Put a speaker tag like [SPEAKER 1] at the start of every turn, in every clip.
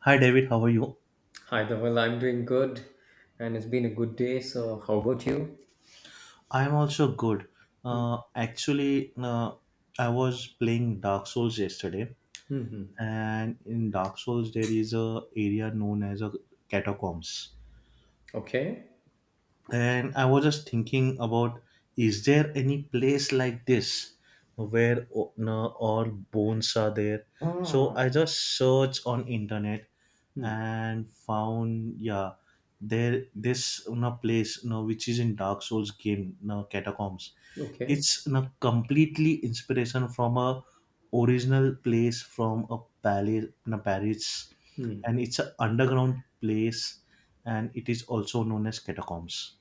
[SPEAKER 1] Hi David, how are you?
[SPEAKER 2] Hi there. Well, I'm doing good, and it's been a good day. So, how about you?
[SPEAKER 1] I am also good. Actually, I was playing Dark Souls yesterday,
[SPEAKER 2] Mm-hmm.
[SPEAKER 1] and in Dark Souls there is a area known as a catacombs.
[SPEAKER 2] Okay.
[SPEAKER 1] And I was just thinking about, is there any place like this where o- no, all bones are there? So I just searched on internet
[SPEAKER 2] Mm.
[SPEAKER 1] and found yeah, there this no place no which is in Dark Souls game no catacombs,
[SPEAKER 2] Okay.
[SPEAKER 1] it's a completely inspiration from a original place, from a palace in a Paris,
[SPEAKER 2] Mm.
[SPEAKER 1] and it's an underground place, and it is also known as catacombs.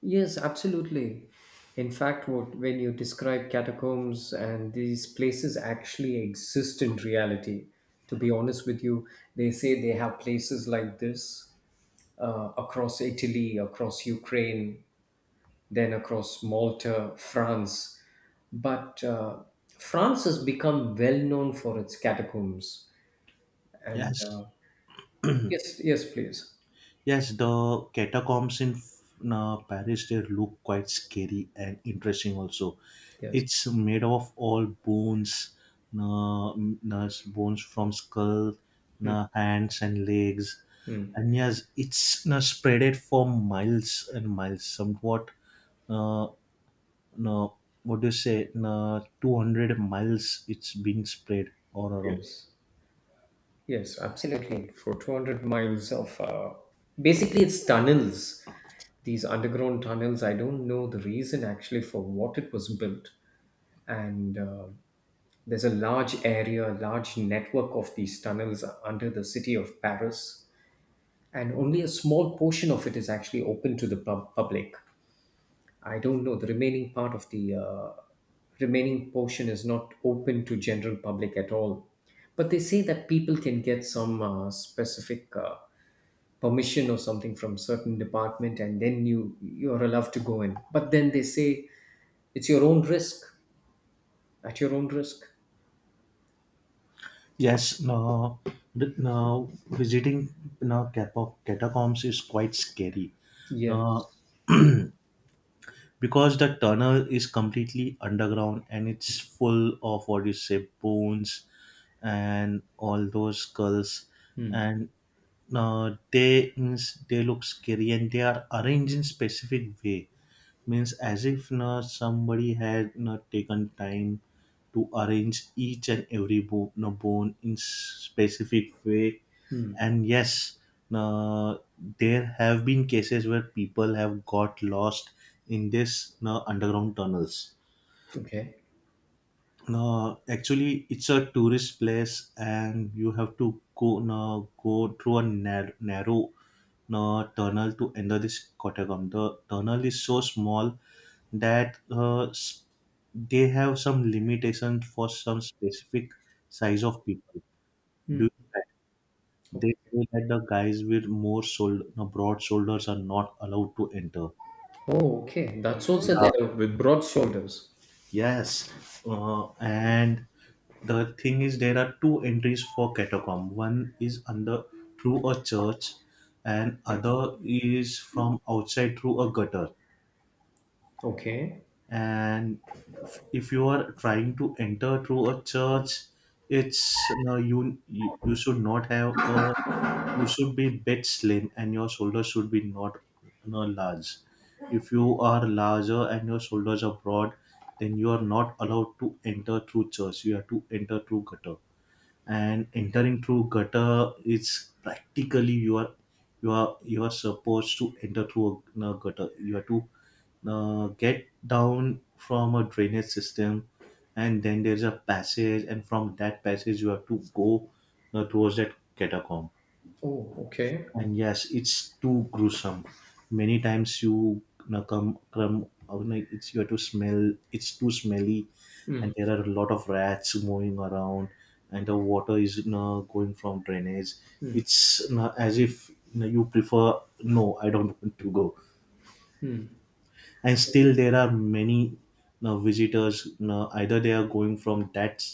[SPEAKER 2] Yes, absolutely. In fact, what when you describe catacombs and these places actually exist in reality. To be honest with you, they say they have places like this across Italy, across Ukraine, then across Malta, France. But France has become well known for its catacombs.
[SPEAKER 1] Yeah,
[SPEAKER 2] And
[SPEAKER 1] yes.
[SPEAKER 2] yes, yes, please.
[SPEAKER 1] Yes, the catacombs in Paris they look quite scary and interesting. Also,
[SPEAKER 2] Yes,
[SPEAKER 1] it's made of all bones, uh, bones from skull, hands and legs, and yes, it's spreaded for miles and miles. Somewhat, uh, no, what do you say? 200 miles it's been spread all around.
[SPEAKER 2] yes, yes, absolutely. For 200 miles of basically, it's tunnels, these underground tunnels. I don't know the reason actually for what it was built. And there's a large area, a large network of these tunnels under the city of Paris, and only a small portion of it is actually open to the public. I don't know. The remaining part of the remaining portion is not open to general public at all. But they say that people can get some specific permission or something from certain department, and then you're allowed to go in. But then they say it's your own risk, at your own risk.
[SPEAKER 1] Yes, no, now visiting no catacombs is quite scary. No,
[SPEAKER 2] Yes.
[SPEAKER 1] because the tunnel is completely underground and it's full of what you say bones and all those skulls
[SPEAKER 2] Hmm.
[SPEAKER 1] and no, they means they look scary and they are arranged in specific way, means as if na somebody had not taken time to arrange each and every na bone in specific way.
[SPEAKER 2] Hmm.
[SPEAKER 1] And yes, uh, there have been cases where people have got lost in this underground tunnels.
[SPEAKER 2] Okay.
[SPEAKER 1] No, actually, it's a tourist place, and you have to go no, go through a narrow tunnel to enter this catacomb. The tunnel is so small that they have some limitations for some specific size of people. Do they
[SPEAKER 2] Okay.
[SPEAKER 1] say that the guys with more shoulder, no, broad shoulders are not allowed to enter?
[SPEAKER 2] Oh, okay. That's also
[SPEAKER 1] Yeah.
[SPEAKER 2] there with broad shoulders.
[SPEAKER 1] Yes. And the thing is, there are two entries for catacomb. One is under through a church, and other is from outside through a gutter.
[SPEAKER 2] Okay.
[SPEAKER 1] And if you are trying to enter through a church, it's no, you should not have a, you should be bit slim and your shoulders should be not no, large. If you are larger and your shoulders are broad, then you are not allowed to enter through church, you have to enter through gutter. And entering through gutter is practically you are, you are supposed to enter through a gutter. You have to get down from a drainage system, and then there's a passage, and from that passage you have to go towards that catacomb.
[SPEAKER 2] Oh, okay.
[SPEAKER 1] And yes it's too gruesome, many times you know, come out, like, it's you have to smell, it's too smelly.
[SPEAKER 2] hmm
[SPEAKER 1] And there are a lot of rats moving around, and the water is you know, going from drainage. It's you know, as if you, know, you prefer no I don't want to go. And still there are many you know, visitors you know, either they are going from that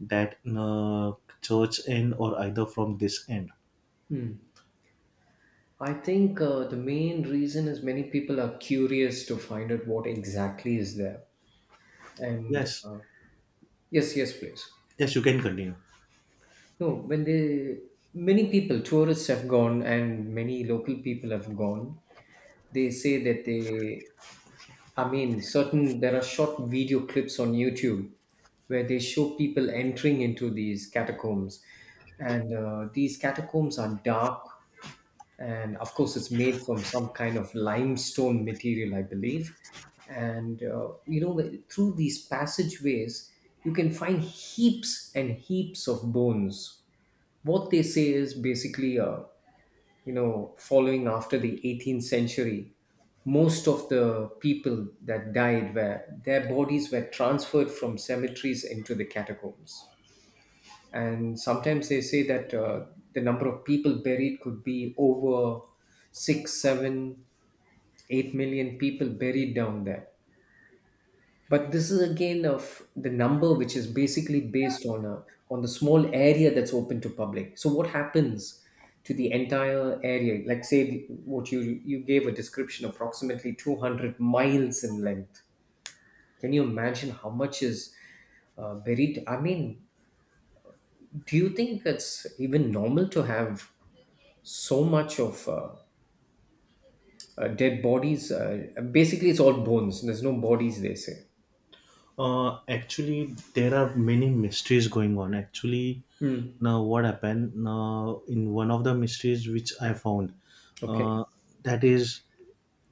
[SPEAKER 1] that you know, church end or either from this end.
[SPEAKER 2] I think the main reason is many people are curious to find out what exactly is there. And
[SPEAKER 1] Yes.
[SPEAKER 2] yes, yes, please.
[SPEAKER 1] Yes, you can continue.
[SPEAKER 2] No, when they, many people, tourists have gone and many local people have gone. They say that they, I mean, there are short video clips on YouTube where they show people entering into these catacombs. And these catacombs are dark, and of course it's made from some kind of limestone material, I believe. And you know, through these passageways you can find heaps and heaps of bones. What they say is basically, you know, following after the 18th century, most of the people that died, were their bodies were transferred from cemeteries into the catacombs. And sometimes they say that the number of people buried could be over 6 7 8 million people buried down there. But this is again of the number which is basically based on a on the small area that's open to public. So what happens to the entire area, like say the- what you gave a description approximately 200 miles in length? Can you imagine how much is buried? I mean, do you think it's even normal to have so much of dead bodies? Basically, it's all bones. There's no bodies, they say.
[SPEAKER 1] Uh, actually, there are many mysteries going on. Actually,
[SPEAKER 2] Hmm.
[SPEAKER 1] now what happened? Now, in one of the mysteries which I found,
[SPEAKER 2] Okay.
[SPEAKER 1] uh, that is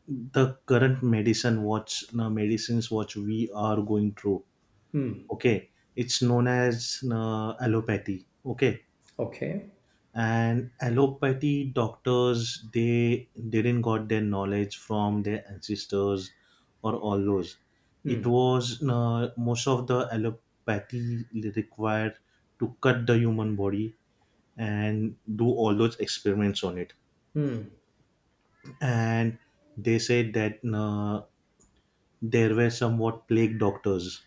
[SPEAKER 1] the current medicine watch, now medicines what we are going through.
[SPEAKER 2] Hmm.
[SPEAKER 1] Okay, it's known as allopathy. Okay,
[SPEAKER 2] Okay.
[SPEAKER 1] and allopathy doctors they didn't got their knowledge from their ancestors or all those. It
[SPEAKER 2] Hmm.
[SPEAKER 1] was most of the allopathy required to cut the human body and do all those experiments on it.
[SPEAKER 2] Hmm.
[SPEAKER 1] And they said that there were somewhat plague doctors,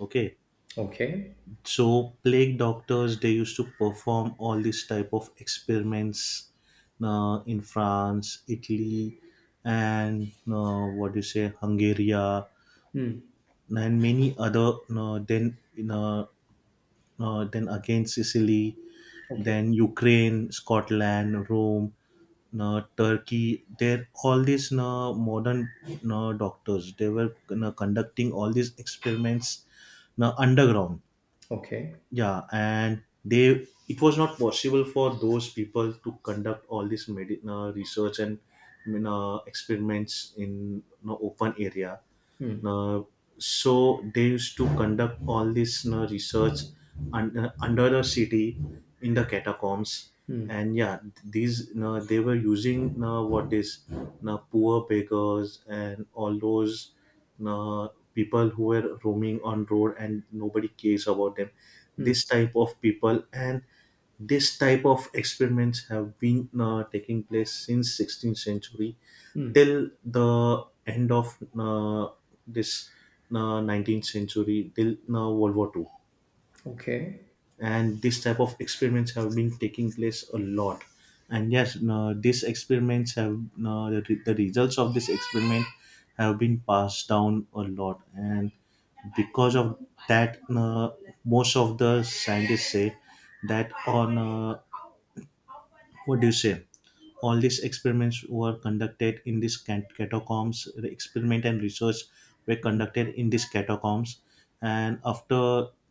[SPEAKER 1] okay.
[SPEAKER 2] Okay.
[SPEAKER 1] So plague doctors they used to perform all these type of experiments in France, Italy, and what do you say, Hungary,
[SPEAKER 2] Hmm.
[SPEAKER 1] and many other then you know, then again Sicily,
[SPEAKER 2] Okay.
[SPEAKER 1] then Ukraine, Scotland, Rome, Turkey. There all these modern doctors they were conducting all these experiments underground.
[SPEAKER 2] Okay.
[SPEAKER 1] Yeah, and they it was not possible for those people to conduct all this research and I mean, experiments in an open area.
[SPEAKER 2] Hmm.
[SPEAKER 1] uh, so they used to conduct all this research under the city, in the catacombs.
[SPEAKER 2] Hmm.
[SPEAKER 1] And yeah these they were using what is poor beggars and all those uh, people who were roaming on road and nobody cares about them,
[SPEAKER 2] Hmm.
[SPEAKER 1] this type of people. And this type of experiments have been taking place since 16th century
[SPEAKER 2] Hmm.
[SPEAKER 1] till the end of this 19th century, till world war Two.
[SPEAKER 2] Okay.
[SPEAKER 1] And this type of experiments have been taking place a lot. And yes these experiments have the results of this experiment have been passed down a lot. And because of that most of the scientists say that on what do you say, all these experiments were conducted in these catacombs. The experiment and research were conducted in these catacombs. And after,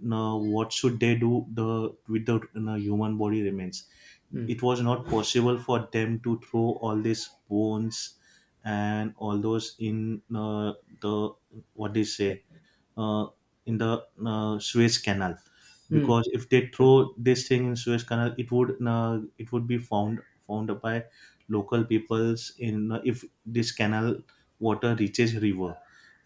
[SPEAKER 1] you know, what should they do the with the you know, human body remains?
[SPEAKER 2] Hmm.
[SPEAKER 1] It was not possible for them to throw all these bones and all those in the what they say uh, in the Suez Canal,
[SPEAKER 2] Hmm.
[SPEAKER 1] because if they throw this thing in Suez Canal, it would be found, found by local peoples in if this canal water reaches river,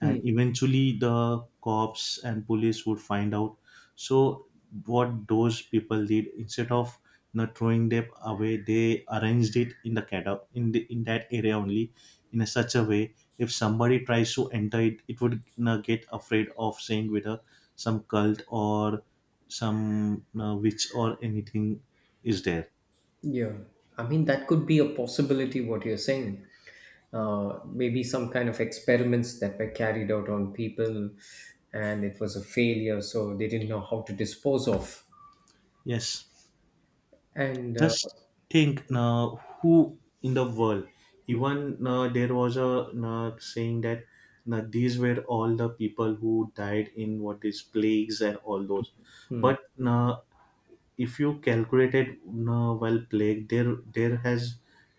[SPEAKER 2] Hmm.
[SPEAKER 1] and eventually the cops and police would find out. So what those people did, instead of not throwing them away, they arranged it in the cata in the, in that area only, in a such a way if somebody tries to enter it, it would get afraid of saying whether some cult or some witch or anything is there.
[SPEAKER 2] Yeah. I mean, that could be a possibility, what you're saying. Maybe some kind of experiments that were carried out on people and it was a failure, so they didn't know how to dispose of.
[SPEAKER 1] Yes,
[SPEAKER 2] And
[SPEAKER 1] just think who in the world, even there was a saying that these were all the people who died in what is plagues and all those. But uh, if you calculated while plague there has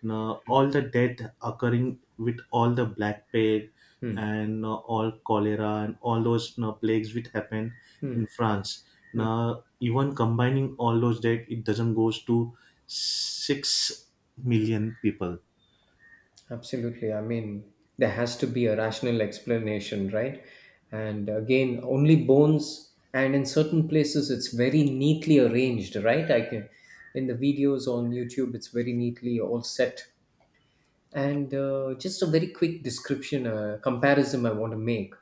[SPEAKER 1] all the death occurring with all the black plague
[SPEAKER 2] Hmm.
[SPEAKER 1] and all cholera and all those plagues which happened
[SPEAKER 2] Hmm.
[SPEAKER 1] in France. Now even combining all those death it doesn't goes to 6 million people.
[SPEAKER 2] Absolutely. I mean, there has to be a rational explanation, right? And again, only bones, and in certain places, it's very neatly arranged, right? In the videos on YouTube, it's very neatly all set. And just a very quick description, comparison I want to make.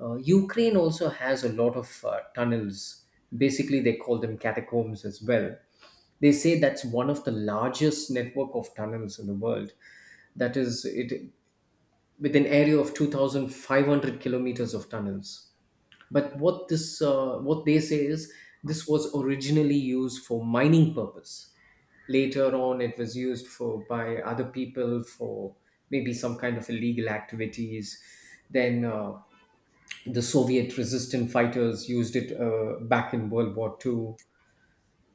[SPEAKER 2] Ukraine also has a lot of tunnels. Basically, they call them catacombs as well. They say that's one of the largest network of tunnels in the world. It with an area of 2,500 kilometers of tunnels. But what they say is, this was originally used for mining purpose. Later on, it was used for by other people for maybe some kind of illegal activities. Then the Soviet resistant fighters used it back in World War Two.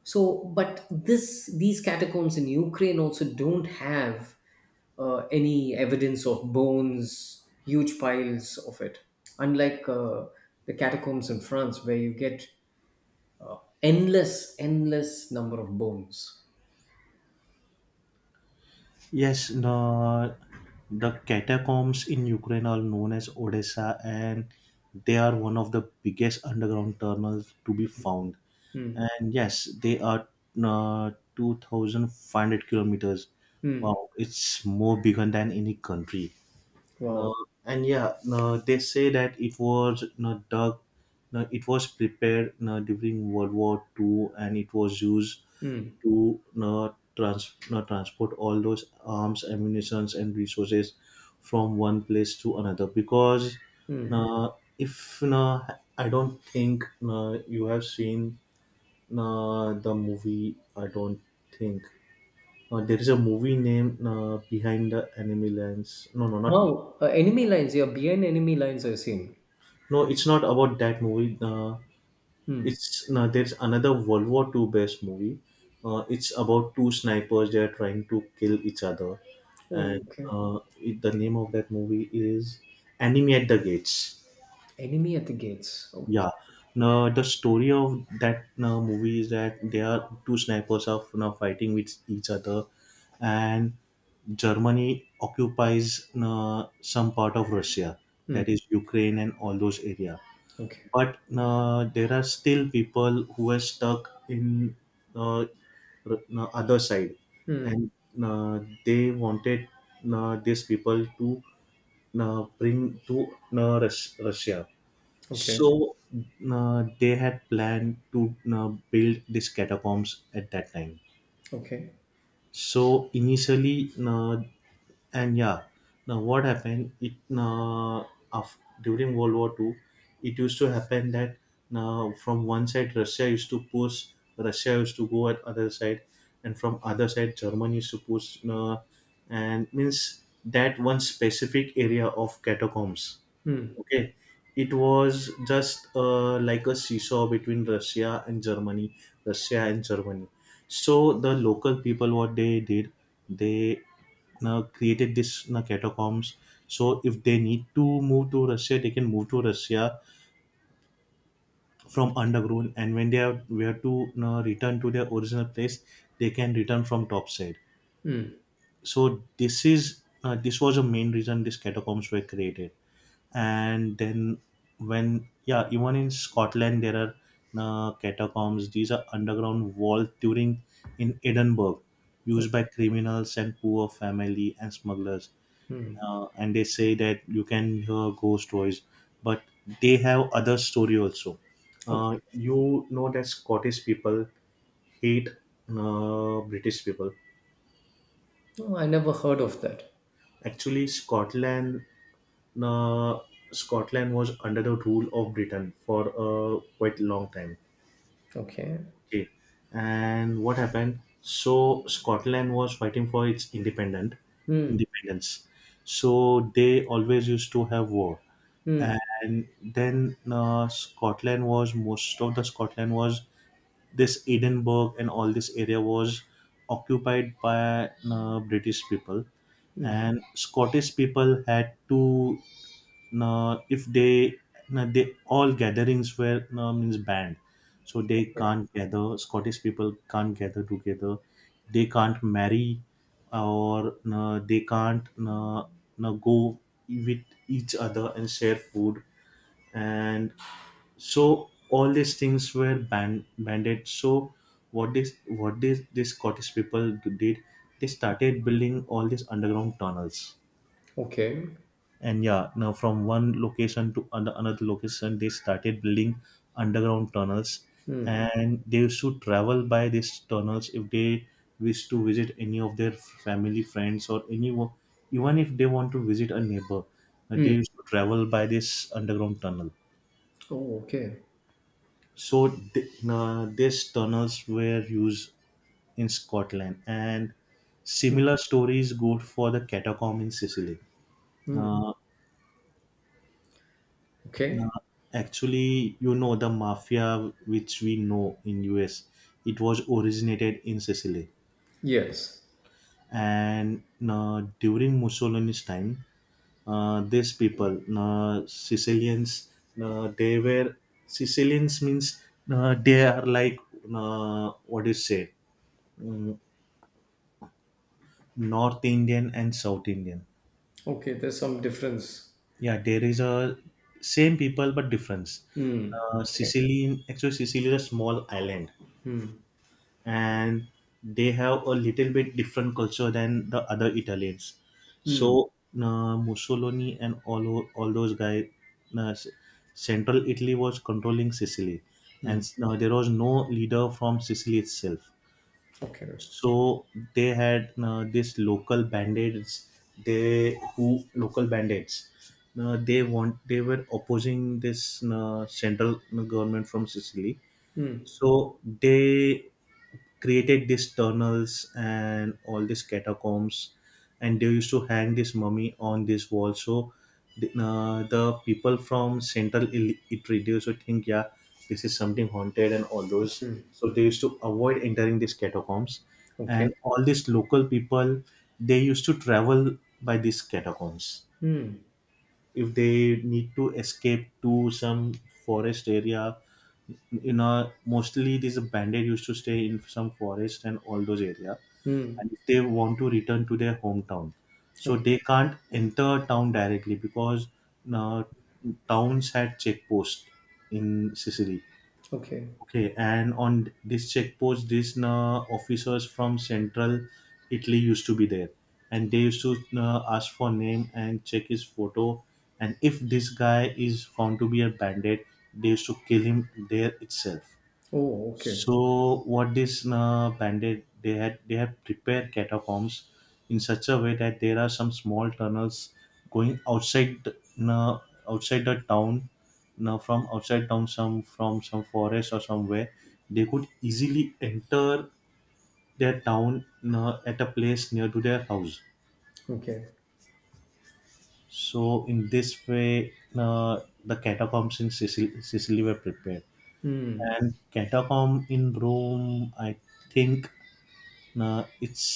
[SPEAKER 2] So, but this these catacombs in Ukraine also don't have any evidence of bones, huge piles of it, unlike the catacombs in France where you get endless, endless number of bones.
[SPEAKER 1] Yes, the catacombs in Ukraine are known as Odessa, and they are one of the biggest underground tunnels to be found.
[SPEAKER 2] Hmm.
[SPEAKER 1] And yes, they are uh, 2,500 kilometers.
[SPEAKER 2] Hmm.
[SPEAKER 1] Wow, it's more bigger than any country.
[SPEAKER 2] Wow.
[SPEAKER 1] No, and yeah, no, they say that it was no dug, no, it was prepared no, during World War Two, and it was used
[SPEAKER 2] Hmm.
[SPEAKER 1] to no, trans, no, transport all those arms, ammunitions, and resources from one place to another. Because
[SPEAKER 2] Hmm.
[SPEAKER 1] no, if no, I don't think no, you have seen no, the movie. I don't think. There is a movie named Behind the Enemy Lines. No, no, not
[SPEAKER 2] Wow. Enemy lines. Yeah, behind enemy lines are seen.
[SPEAKER 1] No, it's not about that movie.
[SPEAKER 2] Hmm.
[SPEAKER 1] It's no, there's another World War Two based movie. It's about two snipers. They are trying to kill each other,
[SPEAKER 2] Oh,
[SPEAKER 1] and
[SPEAKER 2] okay.
[SPEAKER 1] the name of that movie is Enemy at the Gates.
[SPEAKER 2] Enemy at the gates. Okay.
[SPEAKER 1] Yeah. Now the story of that movie is that they are two snipers are now fighting with each other, and Germany occupies some part of Russia,
[SPEAKER 2] Hmm.
[SPEAKER 1] that is Ukraine and all those area.
[SPEAKER 2] Okay.
[SPEAKER 1] But there are still people who are stuck in uh, other side.
[SPEAKER 2] Hmm.
[SPEAKER 1] And they wanted these people to bring to Russia.
[SPEAKER 2] Okay.
[SPEAKER 1] So they had planned to build these catacombs at that time.
[SPEAKER 2] Okay.
[SPEAKER 1] So initially, and yeah, now what happened? It during World War Two, it used to happen that now from one side Russia used to push, Russia used to go at other side, and from other side Germany used to push, and means that one specific area of catacombs.
[SPEAKER 2] Hmm.
[SPEAKER 1] Okay, it was just like a seesaw between Russia and Germany, Russia and Germany. So the local people, what they did, they now created this now catacombs. So if they need to move to Russia, they can move to Russia from underground. And when they have where to now return to their original place, they can return from top side.
[SPEAKER 2] Hmm.
[SPEAKER 1] So this is this was a main reason these catacombs were created. And then when yeah even in Scotland there are catacombs, these are underground vaults during in Edinburgh,
[SPEAKER 2] Hmm.
[SPEAKER 1] used by criminals and poor family and smugglers,
[SPEAKER 2] hmm.
[SPEAKER 1] and they say that you can hear ghost stories. But they have other story also,
[SPEAKER 2] Okay.
[SPEAKER 1] you know that Scottish people hate British people.
[SPEAKER 2] No, I never heard of that.
[SPEAKER 1] Actually Scotland, now Scotland was under the rule of Britain for a quite long time.
[SPEAKER 2] Okay.
[SPEAKER 1] Okay. And what happened? So Scotland was fighting for its independent
[SPEAKER 2] Hmm.
[SPEAKER 1] independence. So they always used to have war.
[SPEAKER 2] Hmm.
[SPEAKER 1] And then Scotland was, most of the Scotland was, this Edinburgh and all this area was occupied by British people.
[SPEAKER 2] Hmm.
[SPEAKER 1] And Scottish people had to if they they all gatherings were means banned, so they
[SPEAKER 2] Okay.
[SPEAKER 1] can't gather. Scottish people can't gather together. They can't marry, or they can't go with each other and share food, and so all these things were banded. So what this scottish people did, they started building all these underground tunnels.
[SPEAKER 2] Okay.
[SPEAKER 1] And, yeah, now from one location to another location they started building underground tunnels,
[SPEAKER 2] Hmm.
[SPEAKER 1] and they should travel by these tunnels if they wish to visit any of their family friends or anyone. Even if they want to visit a neighbor, they
[SPEAKER 2] Hmm.
[SPEAKER 1] used to travel by this underground tunnel.
[SPEAKER 2] Oh, okay.
[SPEAKER 1] So these tunnels were used in Scotland, and similar stories go for the catacomb in Sicily.
[SPEAKER 2] Hmm.
[SPEAKER 1] Uh,
[SPEAKER 2] Okay.
[SPEAKER 1] No, actually, you know the mafia which we know in US, it was originated in Sicily,
[SPEAKER 2] Yes.
[SPEAKER 1] and during Mussolini's time, these people, Sicilians, they were. Sicilians means they are like, what do you say, mm, North Indian and South Indian.
[SPEAKER 2] Okay. There's some difference.
[SPEAKER 1] Yeah, there is a same people but difference.
[SPEAKER 2] Hmm. Okay.
[SPEAKER 1] Sicily, actually, Sicily is a small island, and they have a little bit different culture than the other Italians.
[SPEAKER 2] Hmm.
[SPEAKER 1] So Mussolini and all those guys, uh, s- Central Italy was controlling Sicily, and there was no leader from Sicily itself.
[SPEAKER 2] Okay.
[SPEAKER 1] So they had this local bandits. They who local bandits. They were opposing this central government from Sicily,
[SPEAKER 2] Hmm.
[SPEAKER 1] so they created these tunnels and all these catacombs, and they used to hang this mummy on this wall. So the people from central Italy they used to think, yeah, this is something haunted and all those.
[SPEAKER 2] Hmm.
[SPEAKER 1] So they used to avoid entering these catacombs,
[SPEAKER 2] Okay.
[SPEAKER 1] and all these local people they used to travel by these catacombs
[SPEAKER 2] Hmm.
[SPEAKER 1] if they need to escape to some forest area. Mostly these bandit used to stay in some forest and all those area,
[SPEAKER 2] Hmm.
[SPEAKER 1] and if they want to return to their hometown, so
[SPEAKER 2] Okay.
[SPEAKER 1] they can't enter town directly because uh, towns had checkposts in Sicily.
[SPEAKER 2] Okay.
[SPEAKER 1] Okay, and on this checkpost these officers from central Italy used to be there, and they used to ask for name and check his photo, and if this guy is found to be a bandit, they used to kill him there itself.
[SPEAKER 2] Oh, okay.
[SPEAKER 1] So what this bandit, they had, they have prepared catacombs in such a way that there are some small tunnels going uh, outside the town. Now from outside town, some from some forest or somewhere, they could easily enter their town at a place near to their house.
[SPEAKER 2] Okay.
[SPEAKER 1] So in this way, the catacombs in Sicily were prepared,
[SPEAKER 2] Hmm.
[SPEAKER 1] and catacomb in Rome, I think. No, it's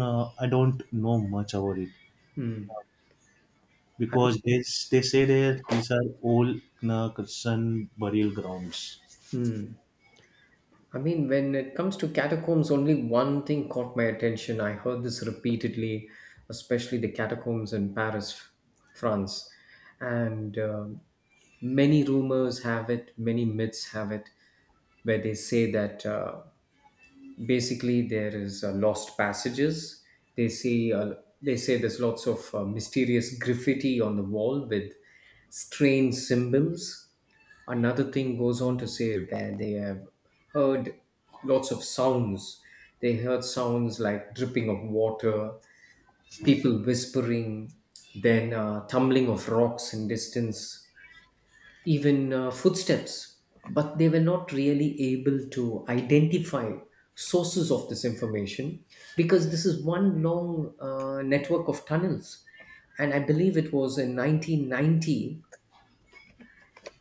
[SPEAKER 1] no, I don't know much about it
[SPEAKER 2] Hmm. I
[SPEAKER 1] because
[SPEAKER 2] mean,
[SPEAKER 1] they say that these are old no, Christian burial grounds.
[SPEAKER 2] hmm. I mean, when it comes to catacombs, only one thing caught my attention. I heard this repeatedly, especially the catacombs in Paris, France. And many rumors have it, many myths have it, where they say that. Basically there is lost passages, they say uh, they say there's lots of mysterious graffiti on the wall with strange symbols. Another thing goes on to say that they have heard lots of sounds. They heard sounds like dripping of water, people whispering, then tumbling of rocks in distance, even footsteps, but they were not really able to identify sources of this information because this is one long network of tunnels. And I believe it was in 1990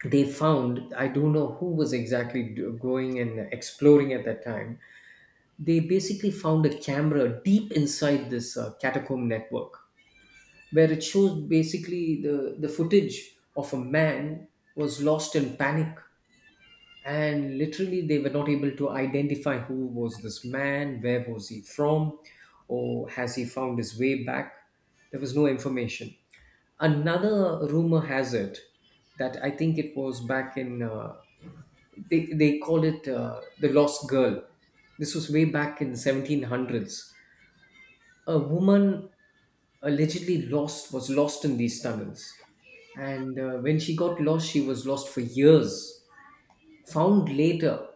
[SPEAKER 2] they found, I don't know who was exactly going and exploring at that time, they basically found a camera deep inside this catacomb network where it shows basically the footage of a man was lost in panic, and literally they were not able to identify who was this man, where was he from, or has he found his way back. There was no information. Another rumor has it that I think it was back in they call it the lost girl. This was way back in the 1700s. A woman allegedly lost was lost in these tunnels, and when she got lost, she was lost for years, found later,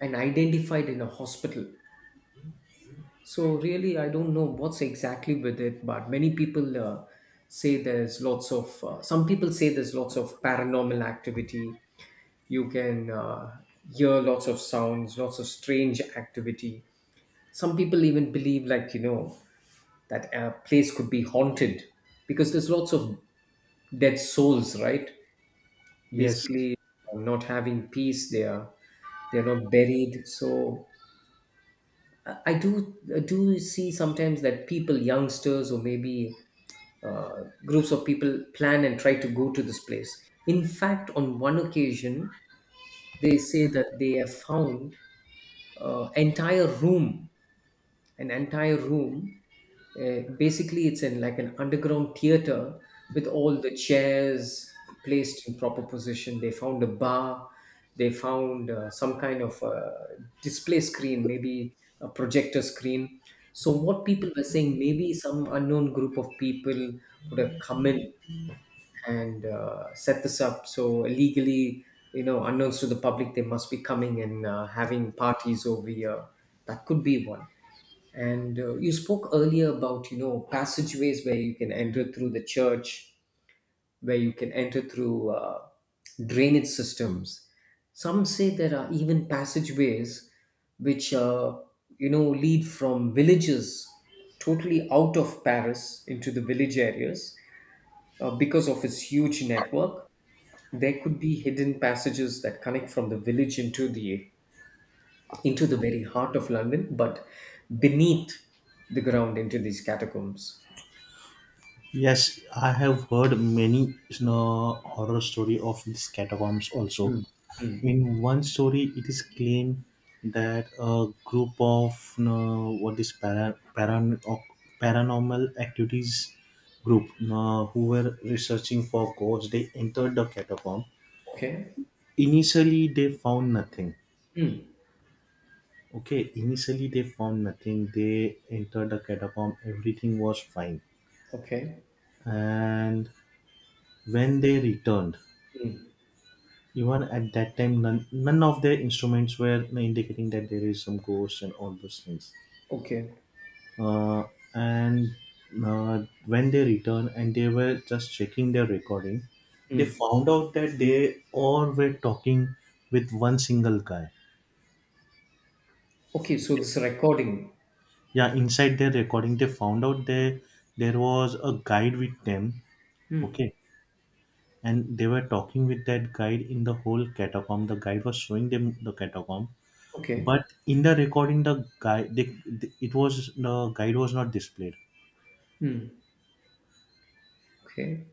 [SPEAKER 2] and identified in a hospital. So really, I don't know what's exactly with it, but many people say there's lots of. Some people say there's lots of paranormal activity. You can hear lots of sounds, lots of strange activity. Some people even believe, like, you know, that a place could be haunted because there's lots of dead souls, right?
[SPEAKER 1] Yes.
[SPEAKER 2] Basically, not having peace. They are not buried. So I do see sometimes that people, youngsters, or maybe groups of people plan and try to go to this place. In fact, on one occasion, they say that they have found entire room an entire room. Basically, it's in like an underground theater with all the chairs placed in proper position. They found a bar. They found some kind of display screen, maybe a projector screen. So, what people were saying, maybe some unknown group of people would have come in and set this up. So illegally, you know, unknowns to the public, they must be coming and having parties over here. That could be one. And you spoke earlier about, you know, passageways where you can enter through the church, where you can enter through drainage systems. Some say there are even passageways which, you know, lead from villages totally out of Paris into the village areas. Because of its huge network, there could be hidden passages that connect from the village into the very heart of London, but beneath the ground into these catacombs.
[SPEAKER 1] Yes, I have heard many no, horror story of these catacombs also.
[SPEAKER 2] Mm.
[SPEAKER 1] In one story, it is claimed that a group of no, what is paranormal activities group no, who were researching for ghosts, they entered the catacomb.
[SPEAKER 2] Okay.
[SPEAKER 1] Initially, they found nothing.
[SPEAKER 2] Mm.
[SPEAKER 1] Okay, initially, they found nothing. They entered the catacomb, everything was fine.
[SPEAKER 2] Okay.
[SPEAKER 1] And when they returned, even at that time, none of their instruments were indicating that there is some ghost and all those things.
[SPEAKER 2] Okay.
[SPEAKER 1] Uh, and when they returned and they were just checking their recording, they
[SPEAKER 2] Mm.
[SPEAKER 1] found out that they all were talking with one single guy.
[SPEAKER 2] Okay, so this recording.
[SPEAKER 1] Yeah, inside their recording they found out there was a guide with them.
[SPEAKER 2] Mm.
[SPEAKER 1] Okay, and they were talking with that guide in the whole catacomb. The guide was showing them the catacomb,
[SPEAKER 2] Okay.
[SPEAKER 1] but in the recording the guy they, it was, the guide was not displayed.
[SPEAKER 2] Mm. Okay.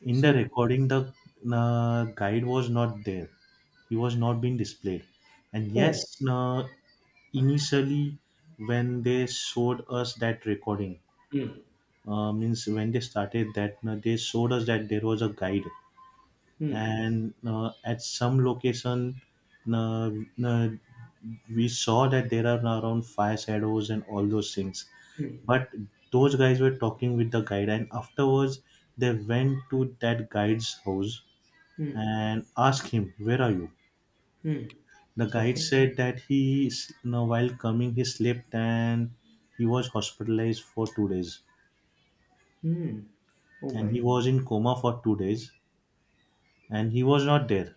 [SPEAKER 1] In the
[SPEAKER 2] So,
[SPEAKER 1] recording, the guide was not there. He was not being displayed. And
[SPEAKER 2] oh.
[SPEAKER 1] yes, uh, initially when they showed us that recording,
[SPEAKER 2] Mm.
[SPEAKER 1] means when they started that they showed us that there was a guide,
[SPEAKER 2] Mm.
[SPEAKER 1] and at some location, uh, uh, we saw that there are around fire shadows and all those things. But those guys were talking with the guide, and afterwards they went to that guide's house
[SPEAKER 2] Mm.
[SPEAKER 1] and asked him, where are you?
[SPEAKER 2] Mm.
[SPEAKER 1] The guide
[SPEAKER 2] Okay.
[SPEAKER 1] said that he s- no, while coming he slept, and he was hospitalized for 2 days,
[SPEAKER 2] Mm. Oh
[SPEAKER 1] and he
[SPEAKER 2] my.
[SPEAKER 1] was in coma for 2 days, and he was not there.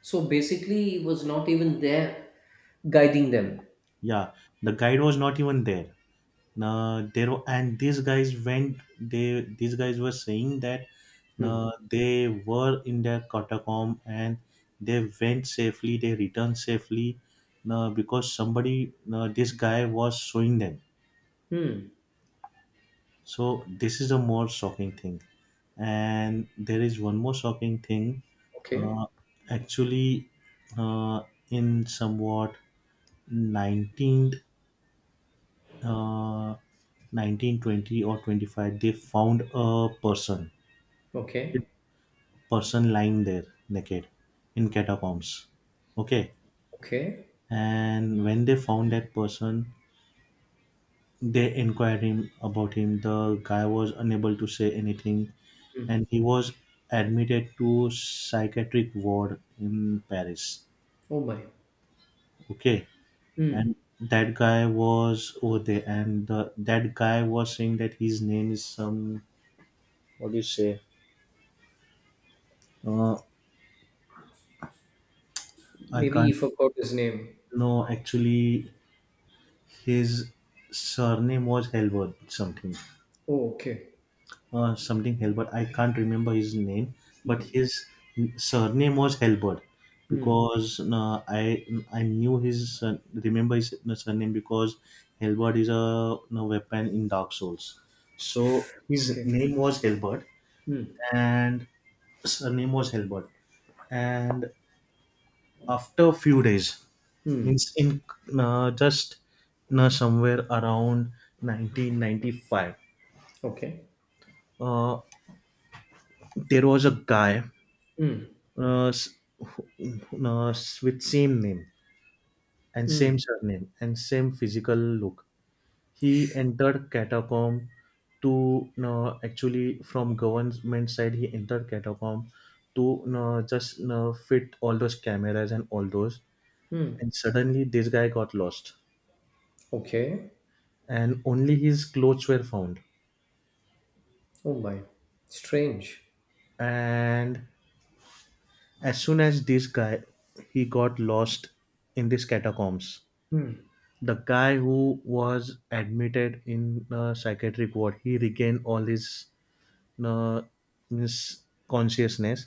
[SPEAKER 2] So basically he was not even there guiding them.
[SPEAKER 1] Yeah, the guide was not even there. Now and these guys went. They These guys were saying that
[SPEAKER 2] Hmm.
[SPEAKER 1] they were in their catacomb and they went safely. They returned safely because somebody, this guy was showing them.
[SPEAKER 2] Hmm.
[SPEAKER 1] So this is a more shocking thing. And there is one more shocking thing.
[SPEAKER 2] Okay.
[SPEAKER 1] Uh, Actually, uh, in somewhat 19th uh, 1920 or 25, they found a person.
[SPEAKER 2] Okay.
[SPEAKER 1] Person lying there naked in catacombs, okay.
[SPEAKER 2] Okay.
[SPEAKER 1] And when they found that person, they inquired him about him. The guy was unable to say anything,
[SPEAKER 2] Hmm.
[SPEAKER 1] and he was admitted to psychiatric ward in Paris.
[SPEAKER 2] Oh my.
[SPEAKER 1] Okay,
[SPEAKER 2] Hmm.
[SPEAKER 1] and that guy was over there, and that guy was saying that his name is some. What do you say, uh, I
[SPEAKER 2] Maybe he
[SPEAKER 1] can't.
[SPEAKER 2] forgot his name.
[SPEAKER 1] No, actually, his surname was Halbert something,
[SPEAKER 2] Oh, okay.
[SPEAKER 1] something Halbert. I can't remember his name, but his surname was Halbert
[SPEAKER 2] Hmm.
[SPEAKER 1] because I knew his remember his surname because Halbert is a weapon in Dark Souls. So his
[SPEAKER 2] Okay.
[SPEAKER 1] name was Halbert
[SPEAKER 2] Hmm.
[SPEAKER 1] and surname was Halbert. And after a few days,
[SPEAKER 2] Hmm.
[SPEAKER 1] means in just somewhere around 1995,
[SPEAKER 2] Okay.
[SPEAKER 1] uh, there was a guy
[SPEAKER 2] Hmm.
[SPEAKER 1] uh, s- who- uh, with same name and same
[SPEAKER 2] Hmm.
[SPEAKER 1] surname and same physical look. He entered catacomb to actually from government side he entered catacomb to just fit all those cameras and all those.
[SPEAKER 2] Hmm.
[SPEAKER 1] And suddenly this guy got lost,
[SPEAKER 2] Okay.
[SPEAKER 1] and only his clothes were found.
[SPEAKER 2] Oh my. Strange.
[SPEAKER 1] And as soon as this guy, he got lost in these catacombs, the guy who was admitted in a psychiatric ward, he regained all uh, his consciousness,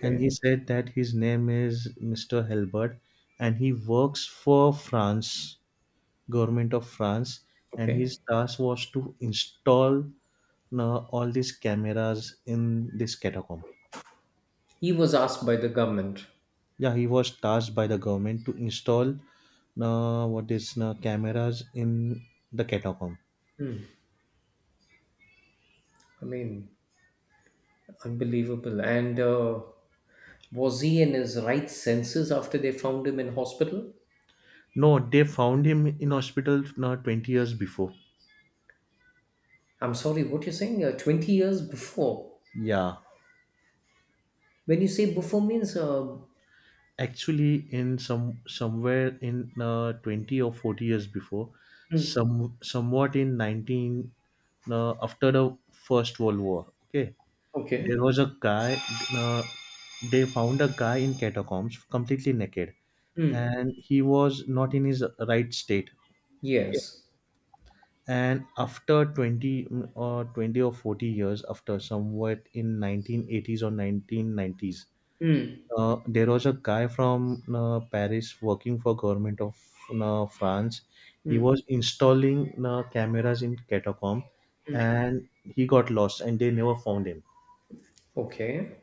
[SPEAKER 1] and he said that his name is Mr. Helbert, and he works for France, government of France, and
[SPEAKER 2] Okay.
[SPEAKER 1] his task was to install all these cameras in this catacomb.
[SPEAKER 2] He was asked by the government.
[SPEAKER 1] Yeah, he was tasked by the government to install what is cameras in the catacomb.
[SPEAKER 2] I mean, unbelievable. And was he in his right senses after they found him in hospital?
[SPEAKER 1] No, they found him in hospital 20 years before.
[SPEAKER 2] I'm sorry, what you're saying? 20 years before.
[SPEAKER 1] Yeah,
[SPEAKER 2] When you say before means,
[SPEAKER 1] actually, in some somewhere in 20 or 40 years before, somewhat in 19 after the First World War. Okay, there
[SPEAKER 2] okay.
[SPEAKER 1] was a guy. Uh, they found a guy in catacombs completely naked,
[SPEAKER 2] Hmm.
[SPEAKER 1] and he was not in his right state.
[SPEAKER 2] Yes.
[SPEAKER 1] And after 20 or 40 years after, somewhat in 1980s or 1990s,
[SPEAKER 2] Hmm.
[SPEAKER 1] there was a guy from Paris working for government of France. He was
[SPEAKER 2] Hmm.
[SPEAKER 1] installing cameras in catacomb, and he got lost and they never found him.
[SPEAKER 2] Okay.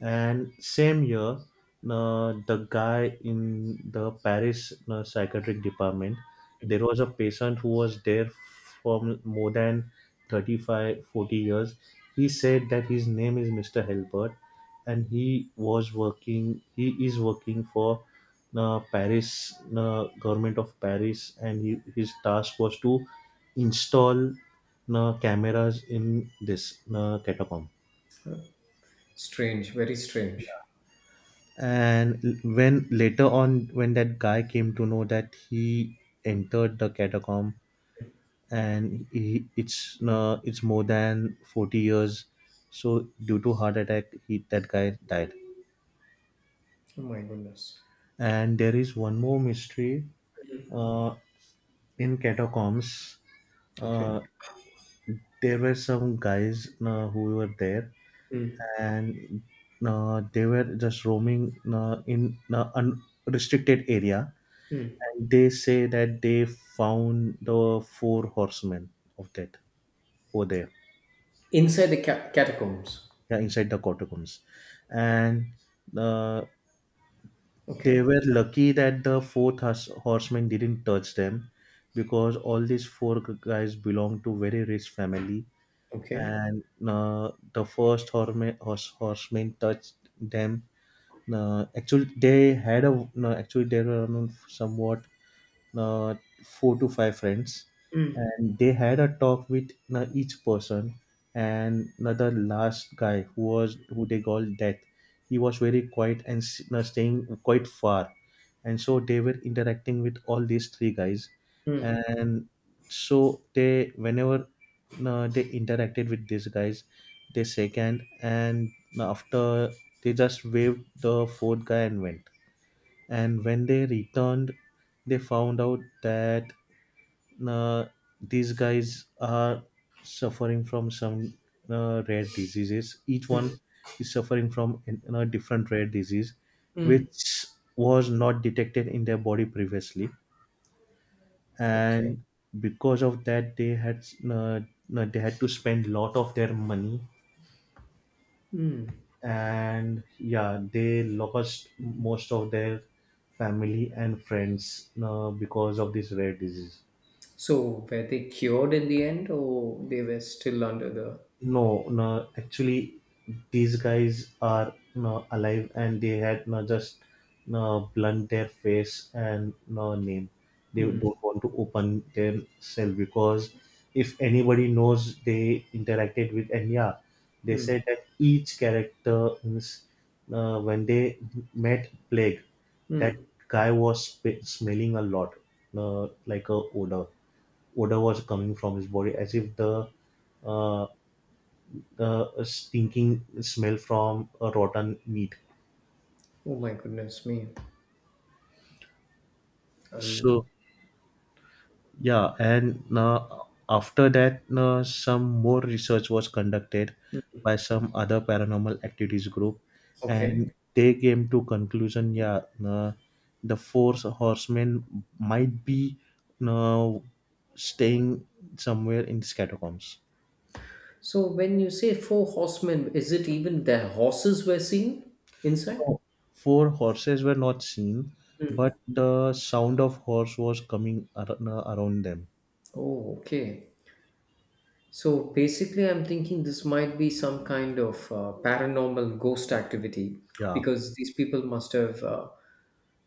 [SPEAKER 1] And same year, the guy in the Paris psychiatric department, there was a patient who was there for more than 35, 40 years. He said that his name is Mr. Helbert, and he is working for the Paris, government of Paris, and his task was to install cameras in this catacomb.
[SPEAKER 2] Huh? Strange, very strange.
[SPEAKER 1] And when later on when that guy came to know that he entered the catacomb, and it's more than 40 years, so due to heart attack, he that guy died.
[SPEAKER 2] Oh my goodness.
[SPEAKER 1] And there is one more mystery uh, in catacombs. uh,
[SPEAKER 2] Okay.
[SPEAKER 1] there were some guys who were there,
[SPEAKER 2] Mm.
[SPEAKER 1] and they were just roaming in unrestricted area, and they say that they found the four horsemen of that over there.
[SPEAKER 2] Inside the catacombs.
[SPEAKER 1] Yeah, inside the catacombs. And uh, they
[SPEAKER 2] Okay.
[SPEAKER 1] were lucky that the fourth horseman didn't touch them because all these four guys belong to very rich family.
[SPEAKER 2] Okay.
[SPEAKER 1] And the first horseman touched them. Actually they had a no, actually they were you somewhat uh, four to five friends, and they had a talk with each person. And the last guy who was who they called Death, he was very quiet and staying quite far, and so they were interacting with all these three guys.
[SPEAKER 2] Mm.
[SPEAKER 1] And so they, whenever they interacted with these guys, they second, and after they just waved the fourth guy and went, and when they returned they found out that uh, these guys are suffering from some rare diseases. Each one is suffering from a different rare disease
[SPEAKER 2] Mm.
[SPEAKER 1] which was not detected in their body previously.
[SPEAKER 2] Okay.
[SPEAKER 1] And because of that uh, they had to spend lot of their money, and yeah they lost most of their family and friends because of this rare disease.
[SPEAKER 2] So were they cured in the end, or they were still under the?
[SPEAKER 1] No, no, actually, these guys are no, alive, and they had no, just no, blunt their face and no name. They
[SPEAKER 2] Mm.
[SPEAKER 1] don't want to open themselves because if anybody knows they interacted with Enya, they said that each character means, when they met Plague, that
[SPEAKER 2] Mm.
[SPEAKER 1] guy was smelling a lot, like a odor. Odor was coming from his body as if uh, the stinking smell from rotten meat.
[SPEAKER 2] Oh my goodness me.
[SPEAKER 1] So
[SPEAKER 2] Um.
[SPEAKER 1] yeah, and after that, some more research was conducted by some other paranormal activities group, and
[SPEAKER 2] Okay.
[SPEAKER 1] they came to conclusion. Yeah, the four horsemen might be uh, staying somewhere in these catacombs.
[SPEAKER 2] So when you say four horsemen, is it even their horses were seen inside?
[SPEAKER 1] No, four horses were not seen, but the sound of horse was coming around them.
[SPEAKER 2] Oh, okay. So basically, I'm thinking this might be some kind of paranormal ghost activity
[SPEAKER 1] Yeah.
[SPEAKER 2] because these people must have uh,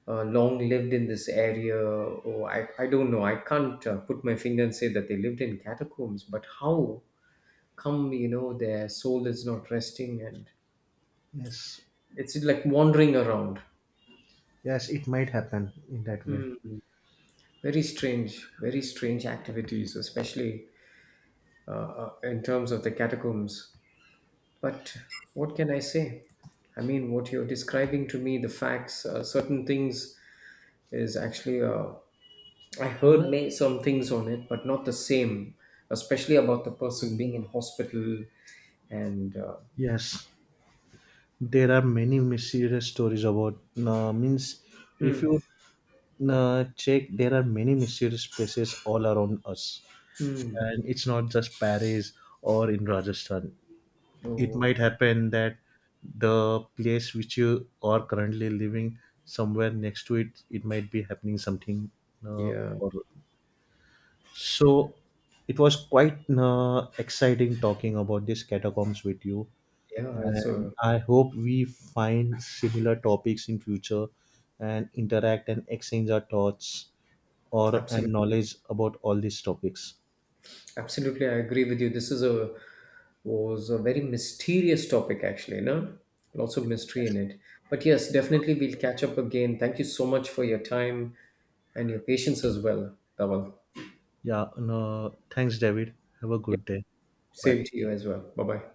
[SPEAKER 2] uh, long lived in this area, or I don't know. I can't put my finger and say that they lived in catacombs, but how come, you know, their soul is not resting and
[SPEAKER 1] Yes,
[SPEAKER 2] it's like wandering around?
[SPEAKER 1] yes, it might happen in that way.
[SPEAKER 2] Hmm. Very strange activities, especially in terms of the catacombs. But what can I say? I mean, what you're describing to me, the facts, certain things is actually, I heard some things on it, but not the same, especially about the person being in hospital and,
[SPEAKER 1] Yes, there are many mysterious stories about. Means, if
[SPEAKER 2] hmm,
[SPEAKER 1] you check, there are many mysterious places all around us,
[SPEAKER 2] hmm.
[SPEAKER 1] and it's not just Paris or in Rajasthan. It
[SPEAKER 2] oh,
[SPEAKER 1] might happen that the place which you are currently living, somewhere next to it, it might be happening something.
[SPEAKER 2] yeah,
[SPEAKER 1] Or so, it was quite exciting talking about these catacombs with you,
[SPEAKER 2] yeah, it's
[SPEAKER 1] and
[SPEAKER 2] a
[SPEAKER 1] I hope we find similar topics in future, and interact and exchange our thoughts or and
[SPEAKER 2] absolute.
[SPEAKER 1] knowledge about all these topics.
[SPEAKER 2] Absolutely, I agree with you. This is a was a very mysterious topic, actually. No, lots of mystery in it. But yes, definitely we'll catch up again. Thank you so much for your time and your patience as well, Dhaval.
[SPEAKER 1] Yeah, no, thanks, David. Have a
[SPEAKER 2] Yep,
[SPEAKER 1] good day. Bye.
[SPEAKER 2] same to you as well. Bye bye.